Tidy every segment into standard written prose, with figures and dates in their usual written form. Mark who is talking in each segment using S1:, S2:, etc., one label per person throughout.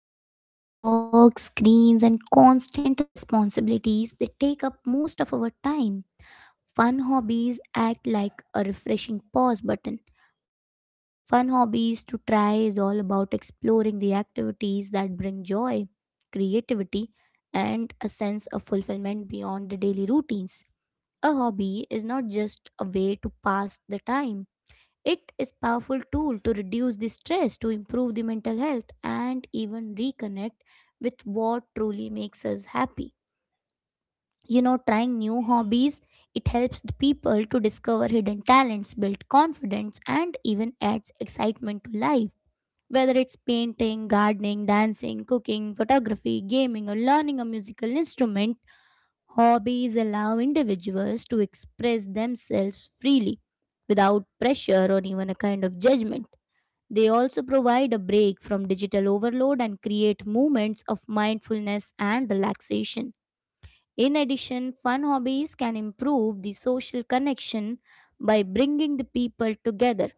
S1: paced life where work screens and constant responsibilities they take up most of our time, fun hobbies act like a refreshing pause button. Fun hobbies to try is all about exploring the activities that bring joy, creativity and a sense of fulfillment beyond the daily routines. A hobby is not just a way to pass the time, it is powerful tool to reduce the stress, to improve the mental health and even reconnect with what truly makes us happy. You know, trying new hobbies, it helps the people to discover hidden talents, build confidence and even adds excitement to life. Whether it's painting, gardening, dancing, cooking, photography, gaming or learning a musical instrument, hobbies allow individuals to express themselves freely without pressure or even a kind of judgment. They also provide a break from digital overload and create moments of mindfulness and relaxation. In addition, fun hobbies can improve the social connection by bringing the people together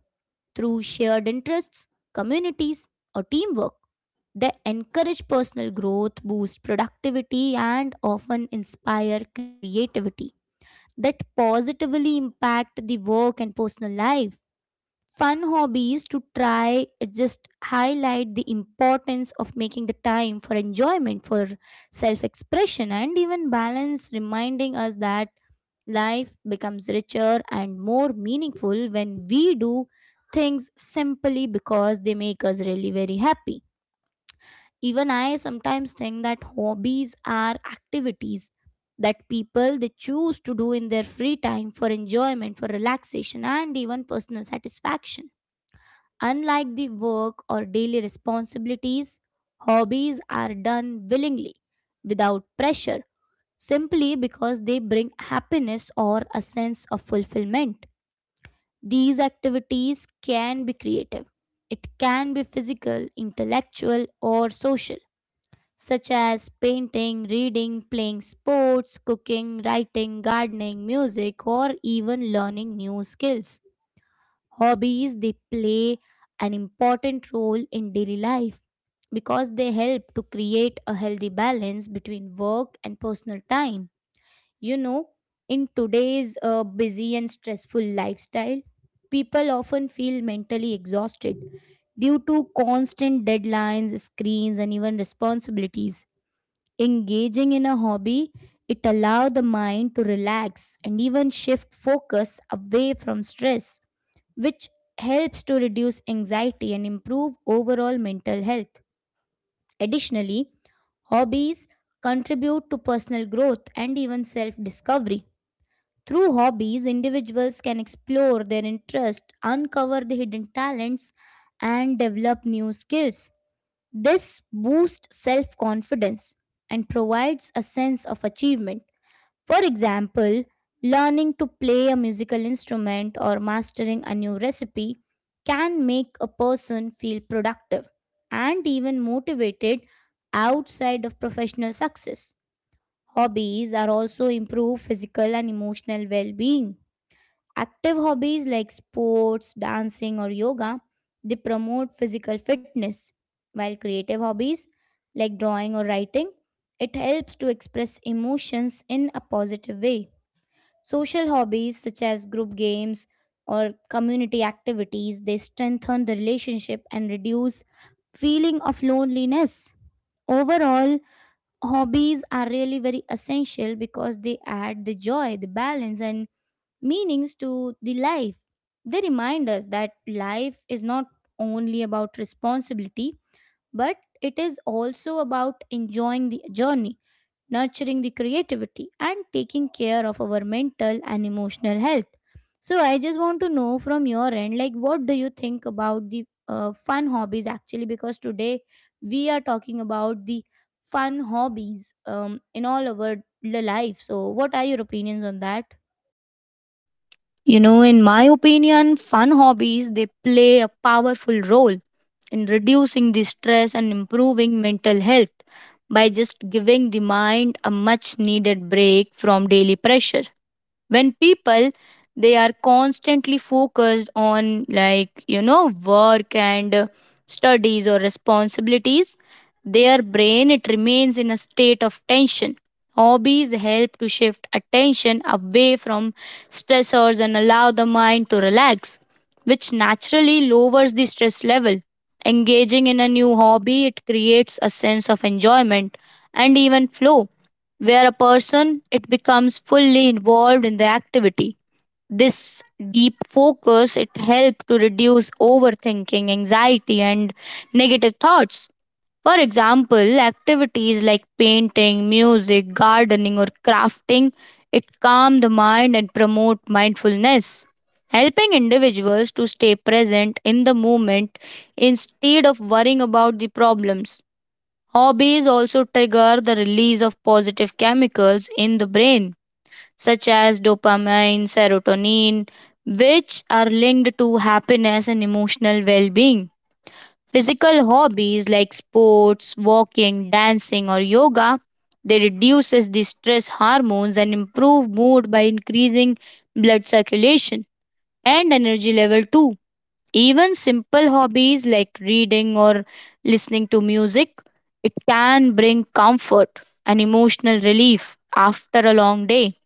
S1: through shared interests, communities, or teamwork. They encourage personal growth, boost productivity, and often inspire creativity that positively impact the work and personal life. Fun hobbies to try it just highlight the importance of making the time for enjoyment, for self expression, and even balance, reminding us that life becomes richer and more meaningful when we do things simply because they make us really very happy. Even I sometimes think that hobbies are activities that people they choose to do in their free time for enjoyment, for relaxation and even personal satisfaction. Unlike the work or daily responsibilities, hobbies are done willingly, without pressure, simply because they bring happiness or a sense of fulfillment. These activities can be creative. It can be physical, intellectual, or social, such as painting, reading, playing sports, cooking, writing, gardening, music, or even learning new skills. Hobbies they play an important role in daily life because they help to create a healthy balance between work and personal time. You know, in today's busy and stressful lifestyle, people often feel mentally exhausted due to constant deadlines, screens and even responsibilities. Engaging in a hobby, it allows the mind to relax and even shift focus away from stress, which helps to reduce anxiety and improve overall mental health. Additionally, hobbies contribute to personal growth and even self discovery. Through hobbies, individuals can explore their interests, uncover the hidden talents, and develop new skills. This boosts self confidence and provides a sense of achievement. For example, learning to play a musical instrument or mastering a new recipe can make a person feel productive and even motivated outside of professional success. Hobbies are also improve physical and emotional well being. Active hobbies like sports, dancing, or yoga, they promote physical fitness, while creative hobbies like drawing or writing, it helps to express emotions in a positive way. Social hobbies such as group games or community activities, they strengthen the relationship and reduce feeling of loneliness. Overall, hobbies are really very essential because they add the joy, the balance and meanings to the life. They remind us that life is not only about responsibility, but it is also about enjoying the journey, nurturing the creativity, and taking care of our mental and emotional health. So, I just want to know from your end, like, what do you think about the fun hobbies actually? Because today we are talking about the fun hobbies in all our life. So, what are your opinions on that?
S2: You know, in my opinion, fun hobbies they play a powerful role in reducing the stress and improving mental health by just giving the mind a much needed break from daily pressure when people they are constantly focused on like work and studies or responsibilities. Their brain it remains in a state of tension. Hobbies help to shift attention away from stressors and allow the mind to relax, which naturally lowers the stress level. Engaging in a new hobby it creates a sense of enjoyment and even flow, where a person it becomes fully involved in the activity. This deep focus it helps to reduce overthinking, anxiety and negative thoughts. For example, activities like painting, music, gardening or crafting, it calm the mind and promote mindfulness, helping individuals to stay present in the moment instead of worrying about the problems. Hobbies also trigger the release of positive chemicals in the brain, such as dopamine, serotonin, which are linked to happiness and emotional well being. Physical hobbies like sports, walking, dancing, or yoga, they reduces the stress hormones and improve mood by increasing blood circulation and energy level too. Even simple hobbies like reading or listening to music, it can bring comfort and emotional relief after a long day.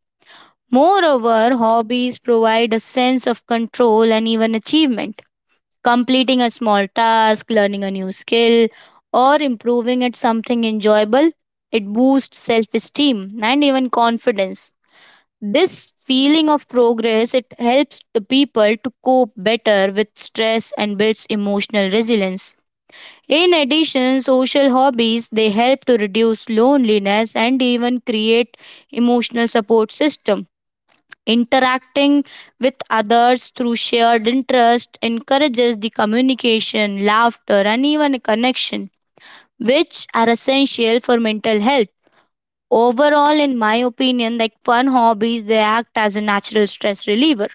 S2: Moreover, hobbies provide a sense of control and even achievement. Completing a small task, learning a new skill, or improving at something enjoyable, it boosts self esteem and even confidence. This feeling of progress it helps the people to cope better with stress and builds emotional resilience. In addition, social hobbies they help to reduce loneliness and even create emotional support system. Interacting with others through shared interest encourages the communication, laughter and even connection, which are essential for mental health. Overall, in my opinion, like fun hobbies, they act as a natural stress reliever.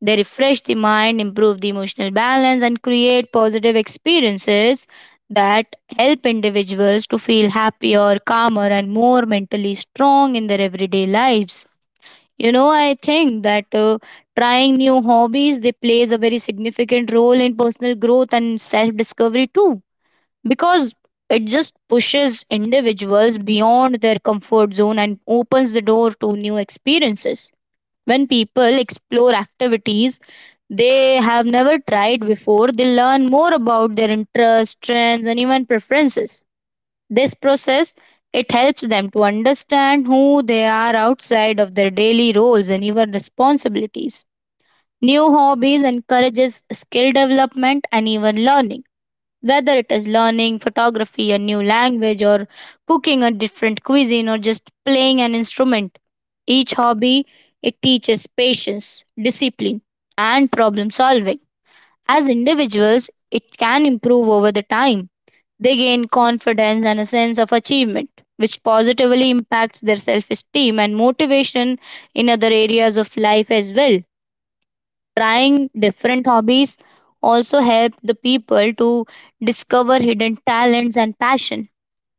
S2: They refresh the mind, improve the emotional balance, and create positive experiences that help individuals to feel happier, calmer, and more mentally strong in their everyday lives. I think that trying new hobbies they plays a very significant role in personal growth and self discovery too, because it just pushes individuals beyond their comfort zone and opens the door to new experiences. When people explore activities they have never tried before, they learn more about their interests, trends, and even preferences. This process it helps them to understand who they are outside of their daily roles and even responsibilities. New hobbies encourages skill development and even learning. Whether it is learning photography, a new language, or cooking a different cuisine, or just playing an instrument, each hobby it teaches patience, discipline, and problem solving. As individuals, it can improve over the time. They gain confidence and a sense of achievement, which positively impacts their self esteem and motivation in other areas of life as well. Trying different hobbies also help the people to discover hidden talents and passion.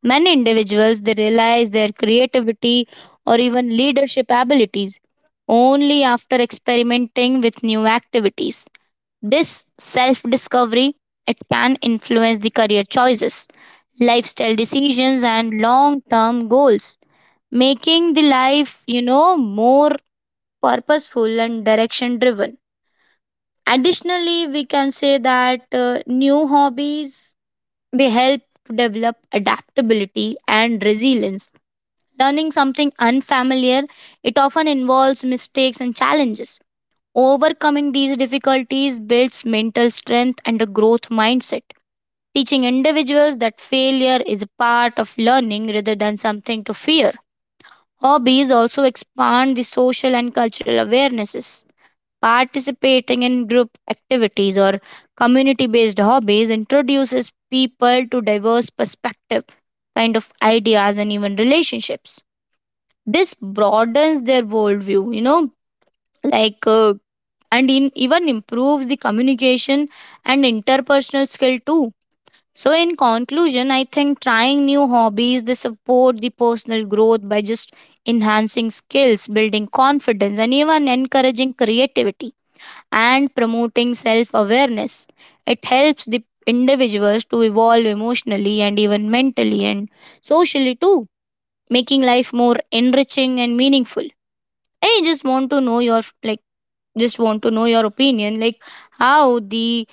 S2: Many individuals they realize their creativity or even leadership abilities only after experimenting with new activities. This self-discovery it can influence the career choices, lifestyle decisions and long-term goals, making the life, more purposeful and direction driven. Additionally, we can say that new hobbies they help to develop adaptability and resilience. Learning something unfamiliar, it often involves mistakes and challenges. Overcoming these difficulties builds mental strength and a growth mindset, teaching individuals that failure is a part of learning rather than something to fear. Hobbies also expand the social and cultural awarenesses. Participating in group activities or community based hobbies introduces people to diverse perspective, kind of ideas, and even relationships. This broadens their worldview, like uh, and in, even improves the communication and interpersonal skill too. So, in conclusion, I think trying new hobbies they support the personal growth by just enhancing skills, building confidence, and even encouraging creativity and promoting self awareness. It helps the individuals to evolve emotionally and even mentally and socially too, making life more enriching and meaningful. I just want to know your like Just want to know your opinion, like how the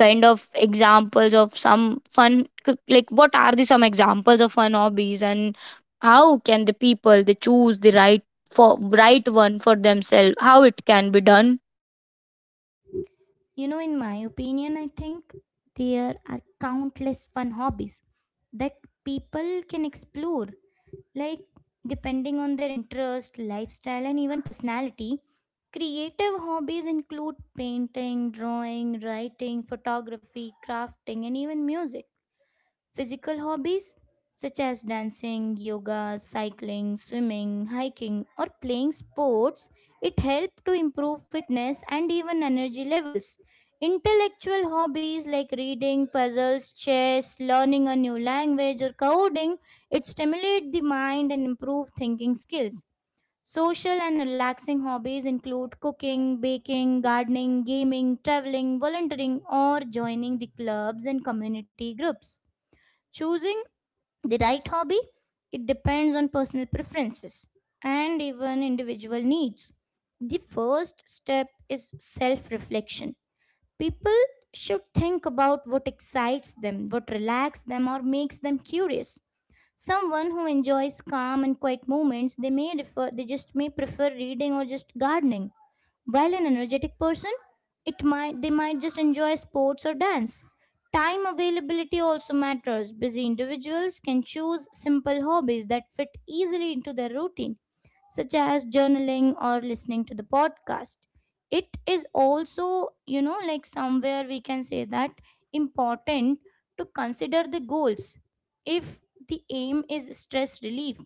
S2: kind of examples of some fun, like what are the some examples of fun hobbies and how can the people they choose the right for right one for themselves, how it can be done.
S1: You know, in my opinion, I think there are countless fun hobbies that people can explore. Like, depending on their interest, lifestyle, and even personality, creative hobbies include painting, drawing, writing, photography, crafting, and even music. Physical hobbies such as dancing, yoga, cycling, swimming, hiking or playing sports it help to improve fitness and even energy levels. Intellectual hobbies like reading, puzzles, chess, learning a new language or coding it stimulate the mind and improve thinking skills. Social and relaxing hobbies include cooking, baking, gardening, gaming, traveling, volunteering, or joining the clubs and community groups. Choosing the right hobby, it depends on personal preferences and even individual needs. The first step is self reflection. People should think about what excites them, what relaxes them, or makes them curious. Someone who enjoys calm and quiet moments they may refer they just may prefer reading or just gardening, while an energetic person it might they might just enjoy sports or dance. Time availability also matters. Busy individuals can choose simple hobbies that fit easily into their routine, such as journaling or listening to the podcast. It is also, you know, like somewhere we can say that important to consider the goals. If the aim is stress relief,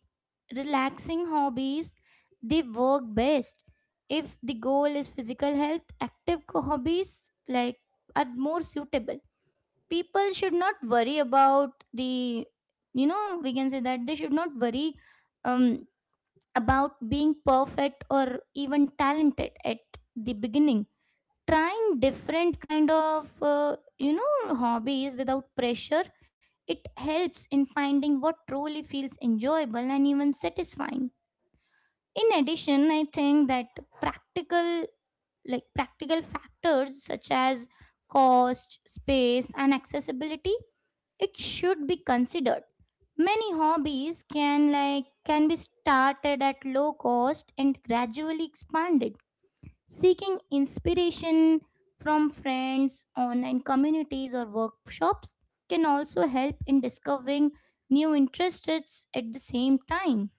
S1: relaxing hobbies they work best. If the goal is physical health, active hobbies like are more suitable. People should not worry about the, you know, we can say that they should not worry um, about being perfect or even talented at the beginning. Trying different kind of you know hobbies without pressure, it helps in finding what truly feels enjoyable and even satisfying. In addition, I think that practical factors such as cost, space and accessibility, it should be considered. Many hobbies can be started at low cost and gradually expanded. Seeking inspiration from friends, online communities, or workshops can also help in discovering new interests at the same time.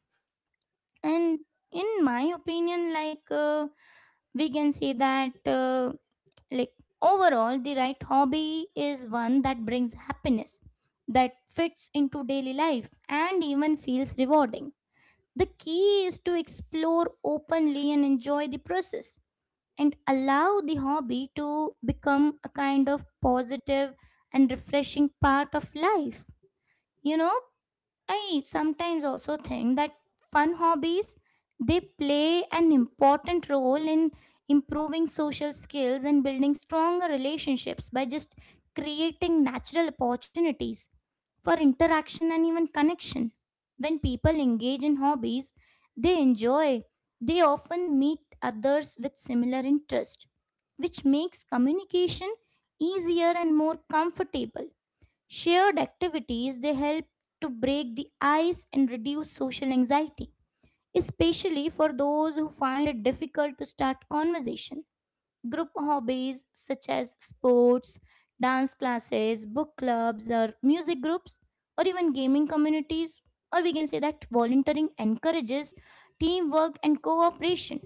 S1: And in my opinion, like we can say that, like overall, the right hobby is one that brings happiness, that fits into daily life, and even feels rewarding. The key is to explore openly and enjoy the process and allow the hobby to become a kind of positive and refreshing part of life. You know, I sometimes also think that fun hobbies they play an important role in improving social skills and building stronger relationships by just creating natural opportunities for interaction and even connection. When people engage in hobbies they enjoy, they often meet others with similar interest, which makes communication easier and more comfortable. Shared activities they help to break the ice and reduce social anxiety, especially for those who find it difficult to start conversation. Group hobbies such as sports, dance classes, book clubs, or music groups, or even gaming communities, or we can say that volunteering encourages teamwork and cooperation.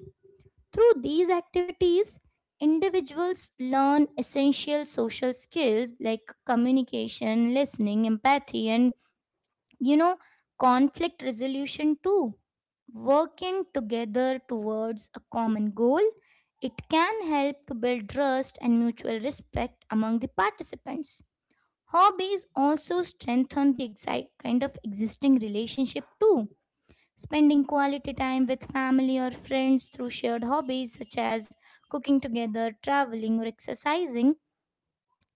S1: Through these activities, individuals learn essential social skills like communication, listening, empathy, and you know, conflict resolution too. Working together towards a common goal, it can help to build trust and mutual respect among the participants. Hobbies also strengthen the exact kind of existing relationship too. Spending quality time with family or friends through shared hobbies such as cooking together, traveling, or exercising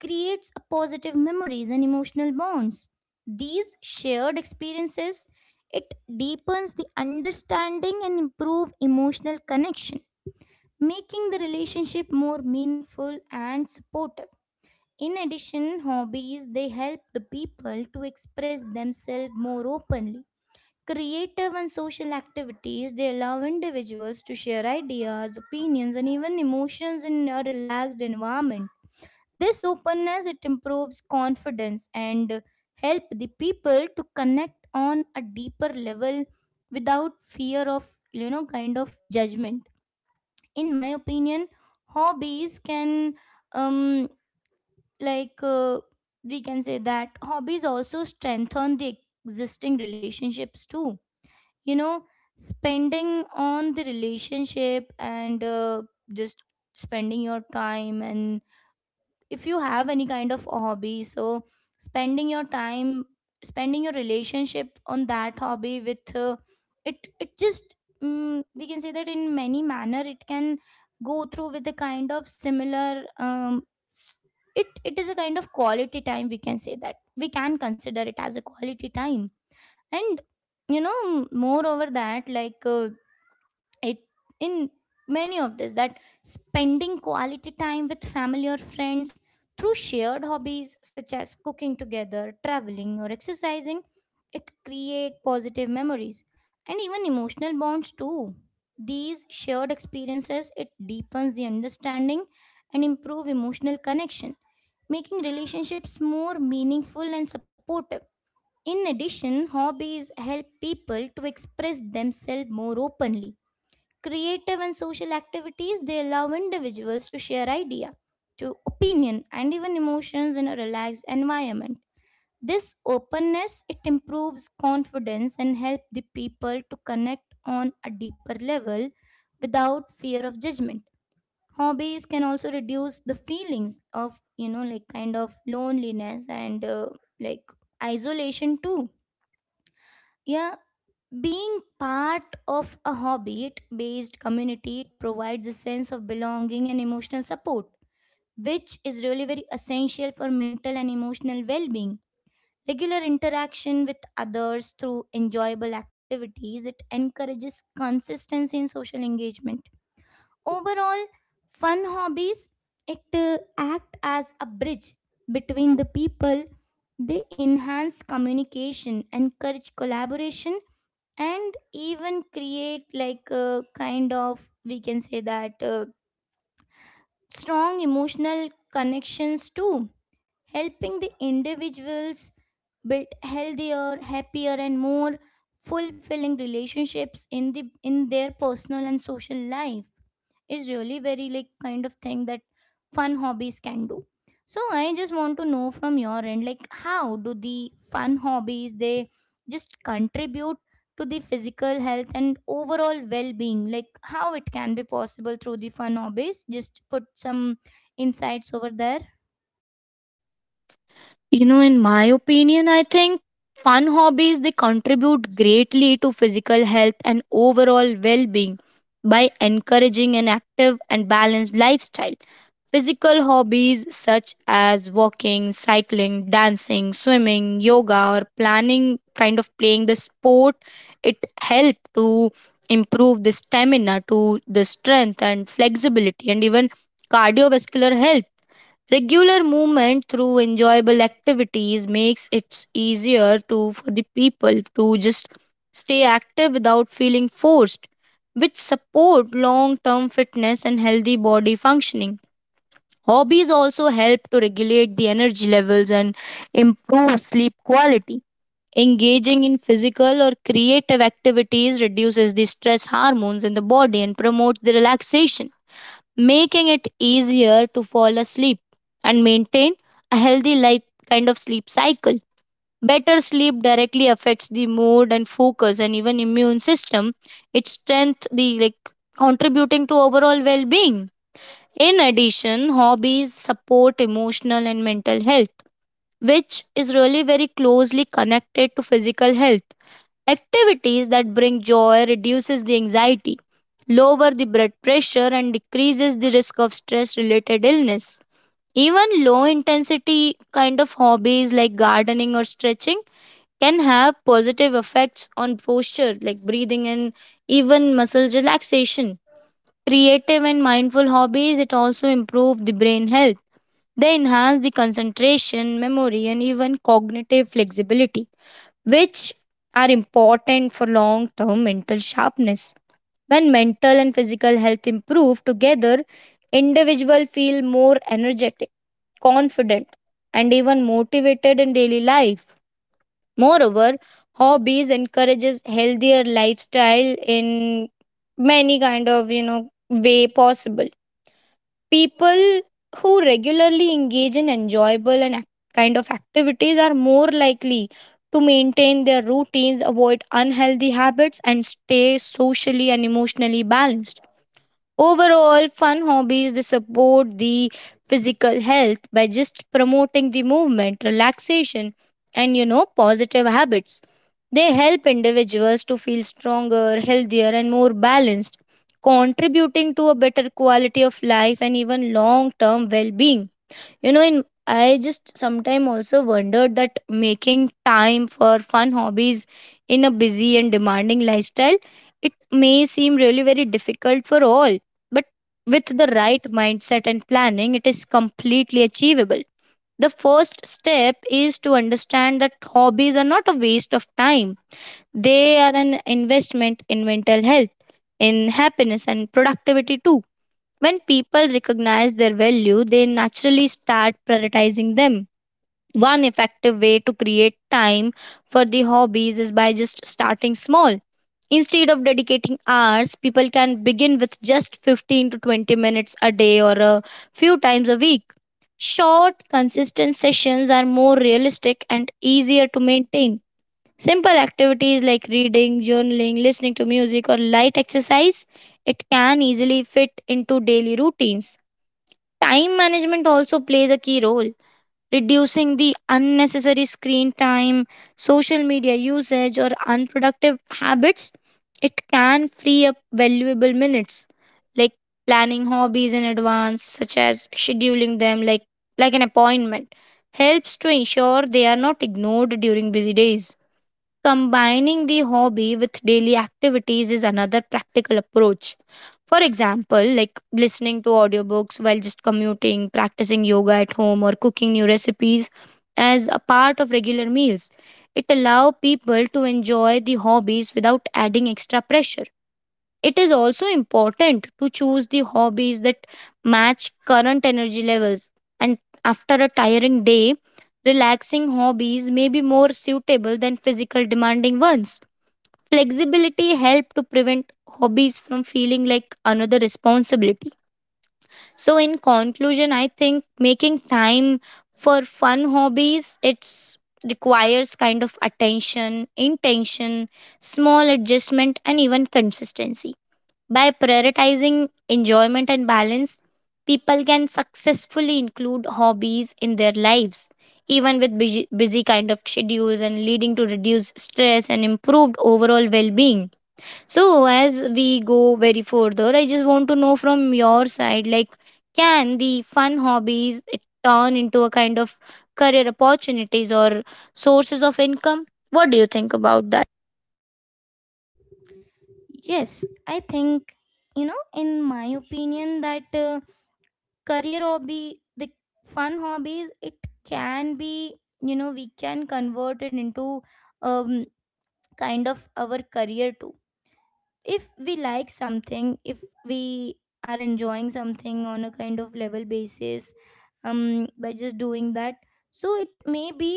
S1: creates a positive memories and emotional bonds. These shared experiences it deepens the understanding and improve emotional connection, making the relationship more meaningful and supportive. In addition, hobbies they help the people to express themselves more openly. Creative and social activities, they allow individuals to share ideas, opinions, and even emotions in a relaxed environment. This openness it improves confidence and help the people to connect on a deeper level without fear of, you know, kind of judgment. In my opinion, hobbies can um like uh, we can say that hobbies also strengthen the existing relationships too. You know, spending on the relationship and just spending your time and if you have any kind of hobby, so spending your time, spending your relationship on that hobby with it just we can say that in many manner it can go through with the kind of similar um, s- it is a kind of quality time, we can say that we can consider it as a quality time. And you know, moreover that like it in many of this that spending quality time with family or friends through shared hobbies such as cooking together, traveling or exercising, it create positive memories and even emotional bonds too. These shared experiences it deepens the understanding and improve emotional connection, making relationships more meaningful and supportive. In addition, hobbies help people to express themselves more openly. Creative and social activities they allow individuals to share idea, to opinion and even emotions in a relaxed environment. This openness it improves confidence and help the people to connect on a deeper level without fear of judgment. Hobbies can also reduce the feelings of, you know, like kind of loneliness and like isolation too. Yeah, being part of a hobbit based community it provides a sense of belonging and emotional support, which is really very essential for mental and emotional well being. Regular interaction with others through enjoyable activities it encourages consistency in social engagement. Overall, fun hobbies it act as a bridge between the people. They enhance communication, encourage collaboration and even create like a kind of we can say that strong emotional connections too, helping the individuals build healthier, happier and more fulfilling relationships in their personal and social life is really very like kind of thing that fun hobbies can do. So I just want to know from your end, like, how do the fun hobbies they just contribute to the physical health and overall well-being, like how it can be possible through the fun hobbies? Just put some insights over there.
S2: You know, in my opinion, I think fun hobbies they contribute greatly to physical health and overall well-being by encouraging an active and balanced lifestyle. Physical hobbies such as walking, cycling, dancing, swimming, yoga or planning kind of playing the sport, it help to improve the stamina to the strength and flexibility and even cardiovascular health. Regular movement through enjoyable activities makes it easier to for the people to just stay active without feeling forced, which support long-term fitness and healthy body functioning. Hobbies also help to regulate the energy levels and improve sleep quality. Engaging in physical or creative activities reduces the stress hormones in the body and promotes the relaxation, making it easier to fall asleep and maintain a healthy life kind of sleep cycle. Better sleep directly affects the mood and focus and even immune system. It strength the, like, contributing to overall well-being. In addition, hobbies support emotional and mental health, which is really very closely connected to physical health. Activities that bring joy reduces the anxiety, lower the blood pressure and decreases the risk of stress related illness. Even low intensity kind of hobbies like gardening or stretching can have positive effects on posture, like breathing and even muscle relaxation. Creative and mindful hobbies it also improve the brain health. They enhance the concentration, memory, and even cognitive flexibility, which are important for long term mental sharpness. When mental and physical health improve together, individuals feel more energetic, confident, and even motivated in daily life. Moreover, hobbies encourages healthier lifestyle in many kind of way possible. People who regularly engage in enjoyable and kind of activities are more likely to maintain their routines, avoid unhealthy habits, and stay socially and emotionally balanced. Overall, fun hobbies they support the physical health by just promoting the movement, relaxation, and positive habits. They help individuals to feel stronger, healthier, and more balanced, contributing to a better quality of life and even long term well being. You know, in I just sometimes also wondered that making time for fun hobbies in a busy and demanding lifestyle, it may seem really very difficult for all, but with the right mindset and planning, it is completely achievable. The first step is to understand that hobbies are not a waste of time. They are an investment in mental health, in happiness and productivity too. When people recognize their value, they naturally start prioritizing them. One effective way to create time for the hobbies is by just starting small. Instead of dedicating hours, people can begin with just 15 to 20 minutes a day or a few times a week. Short, consistent sessions are more realistic and easier to maintain. Simple activities like reading, journaling, listening to music, or light exercise, it can easily fit into daily routines. Time management also plays a key role, reducing the unnecessary screen time, social media usage, or unproductive habits. It can free up valuable minutes, like planning hobbies in advance, such as scheduling them like an appointment, helps to ensure they are not ignored during busy days. Combining the hobby with daily activities is another practical approach. For example, like listening to audiobooks while just commuting, practicing yoga at home, or cooking new recipes as a part of regular meals. It allows people to enjoy the hobbies without adding extra pressure. It is also important to choose the hobbies that match current energy levels. And after a tiring day, relaxing hobbies may be more suitable than physical demanding ones. Flexibility helps to prevent hobbies from feeling like another responsibility. So in conclusion, I think making time for fun hobbies it's requires kind of attention, intention, small adjustment and even consistency. By prioritizing enjoyment and balance, people can successfully include hobbies in their lives, even with busy kind of schedules and leading to reduced stress and improved overall well-being. So as we go very further, I just want to know from your side, like can the fun hobbies it turn into a kind of career opportunities or sources of income? What do you think about that?
S1: Yes, I think, you know, in my opinion that career hobby, the fun hobbies it can be, you know, we can convert it into um kind of our career too if we like something, if we are enjoying something on a kind of level basis, um by just doing that. So it may be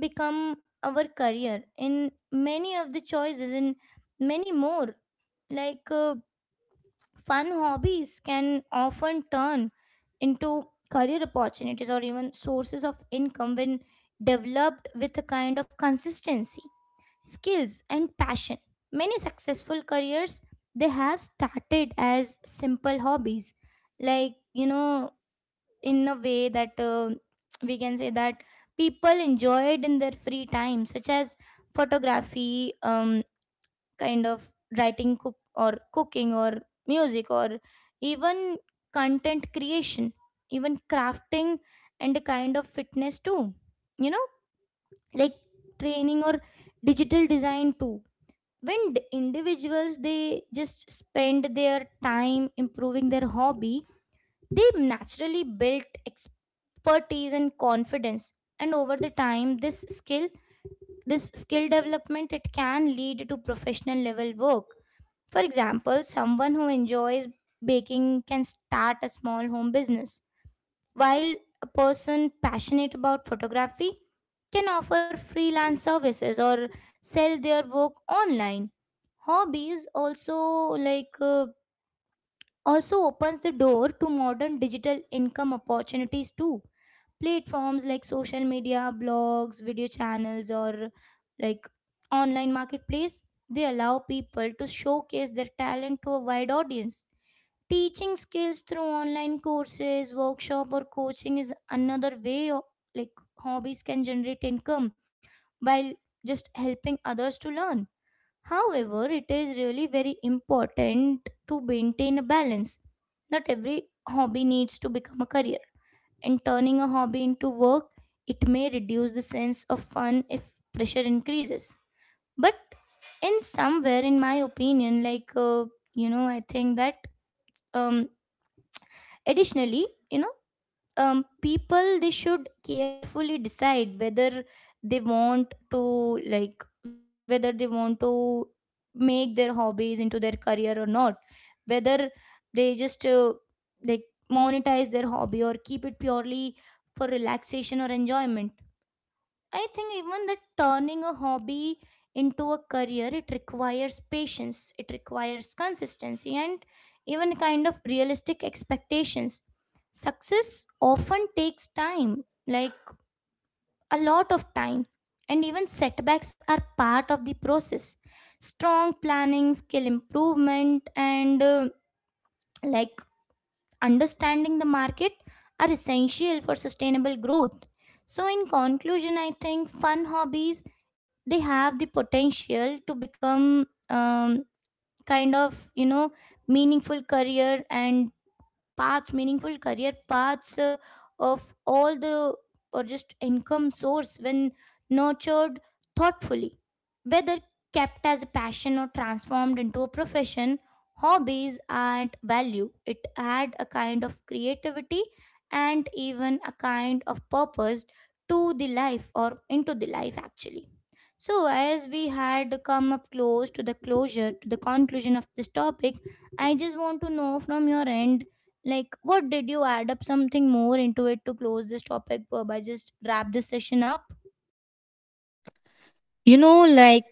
S1: become our career in many of the choices, in many more, like fun hobbies can often turn into career opportunities or even sources of income when developed with a kind of consistency, skills, and passion. Many successful careers, they have started as simple hobbies, like, you know, in a way that we can say that people enjoyed in their free time, such as photography, kind of writing, cooking or music or even content creation, even crafting and a kind of fitness too, you know, like training or digital design too. When individuals they just spend their time improving their hobby, they naturally build expertise and confidence, and over the time this skill development it can lead to professional level work. For example, someone who enjoys baking can start a small home business, while a person passionate about photography can offer freelance services or sell their work online. Hobbies also, like also opens the door to modern digital income opportunities too. Platforms like social media, blogs, video channels, or like online marketplace, they allow people to showcase their talent to a wide audience. Teaching skills through online courses, workshop, or coaching is another way like hobbies can generate income while just helping others to learn. However, it is really very important to maintain a balance. Not every hobby needs to become a career, and turning a hobby into work, it may reduce the sense of fun if pressure increases. But in somewhere, in my opinion, like, you know, I think that, um, additionally, you know, people they should carefully decide whether they want to like whether they want to make their hobbies into their career or not, whether they just like monetize their hobby or keep it purely for relaxation or enjoyment. I think even that turning a hobby into a career, it requires patience, it requires consistency, and even kind of realistic expectations. Success often takes time, like a lot of time, and even setbacks are part of the process. Strong planning, skill improvement, and like understanding the market are essential for sustainable growth. So in conclusion, I think fun hobbies they have the potential to become, kind of, you know, meaningful career and paths meaningful career paths of all the or just income source when nurtured thoughtfully. Whether kept as a passion or transformed into a profession, hobbies add value, it add a kind of creativity and even a kind of purpose to the life, or into the life actually. So as we had come up close to the closure, to the conclusion of this topic, I just want to know from your end, like, what did you add up something more into it to close this topic by just wrap this session up?
S2: You know, like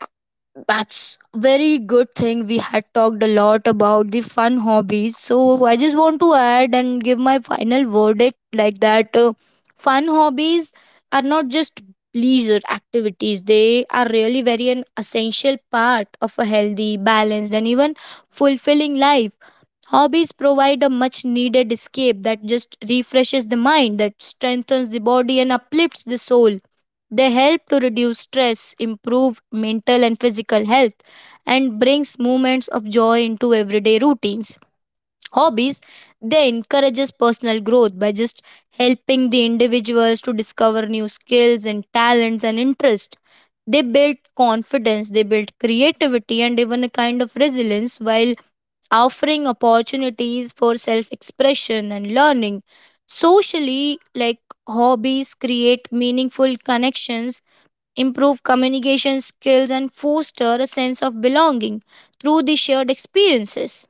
S2: That's very good thing. We had talked a lot about the fun hobbies. So I just want to add and give my final verdict like that. Fun hobbies are not just leisure activities. They are really very an essential part of a healthy, balanced, and even fulfilling life. Hobbies provide a much needed escape that just refreshes the mind, that strengthens the body, and uplifts the soul. They help to reduce stress, improve mental and physical health, and brings moments of joy into everyday routines. Hobbies they encourages personal growth by just helping the individuals to discover new skills and talents and interest. They build confidence, they build creativity and even a kind of resilience, while offering opportunities for self expression and learning. Socially, like, hobbies create meaningful connections, improve communication skills and foster a sense of belonging through the shared experiences.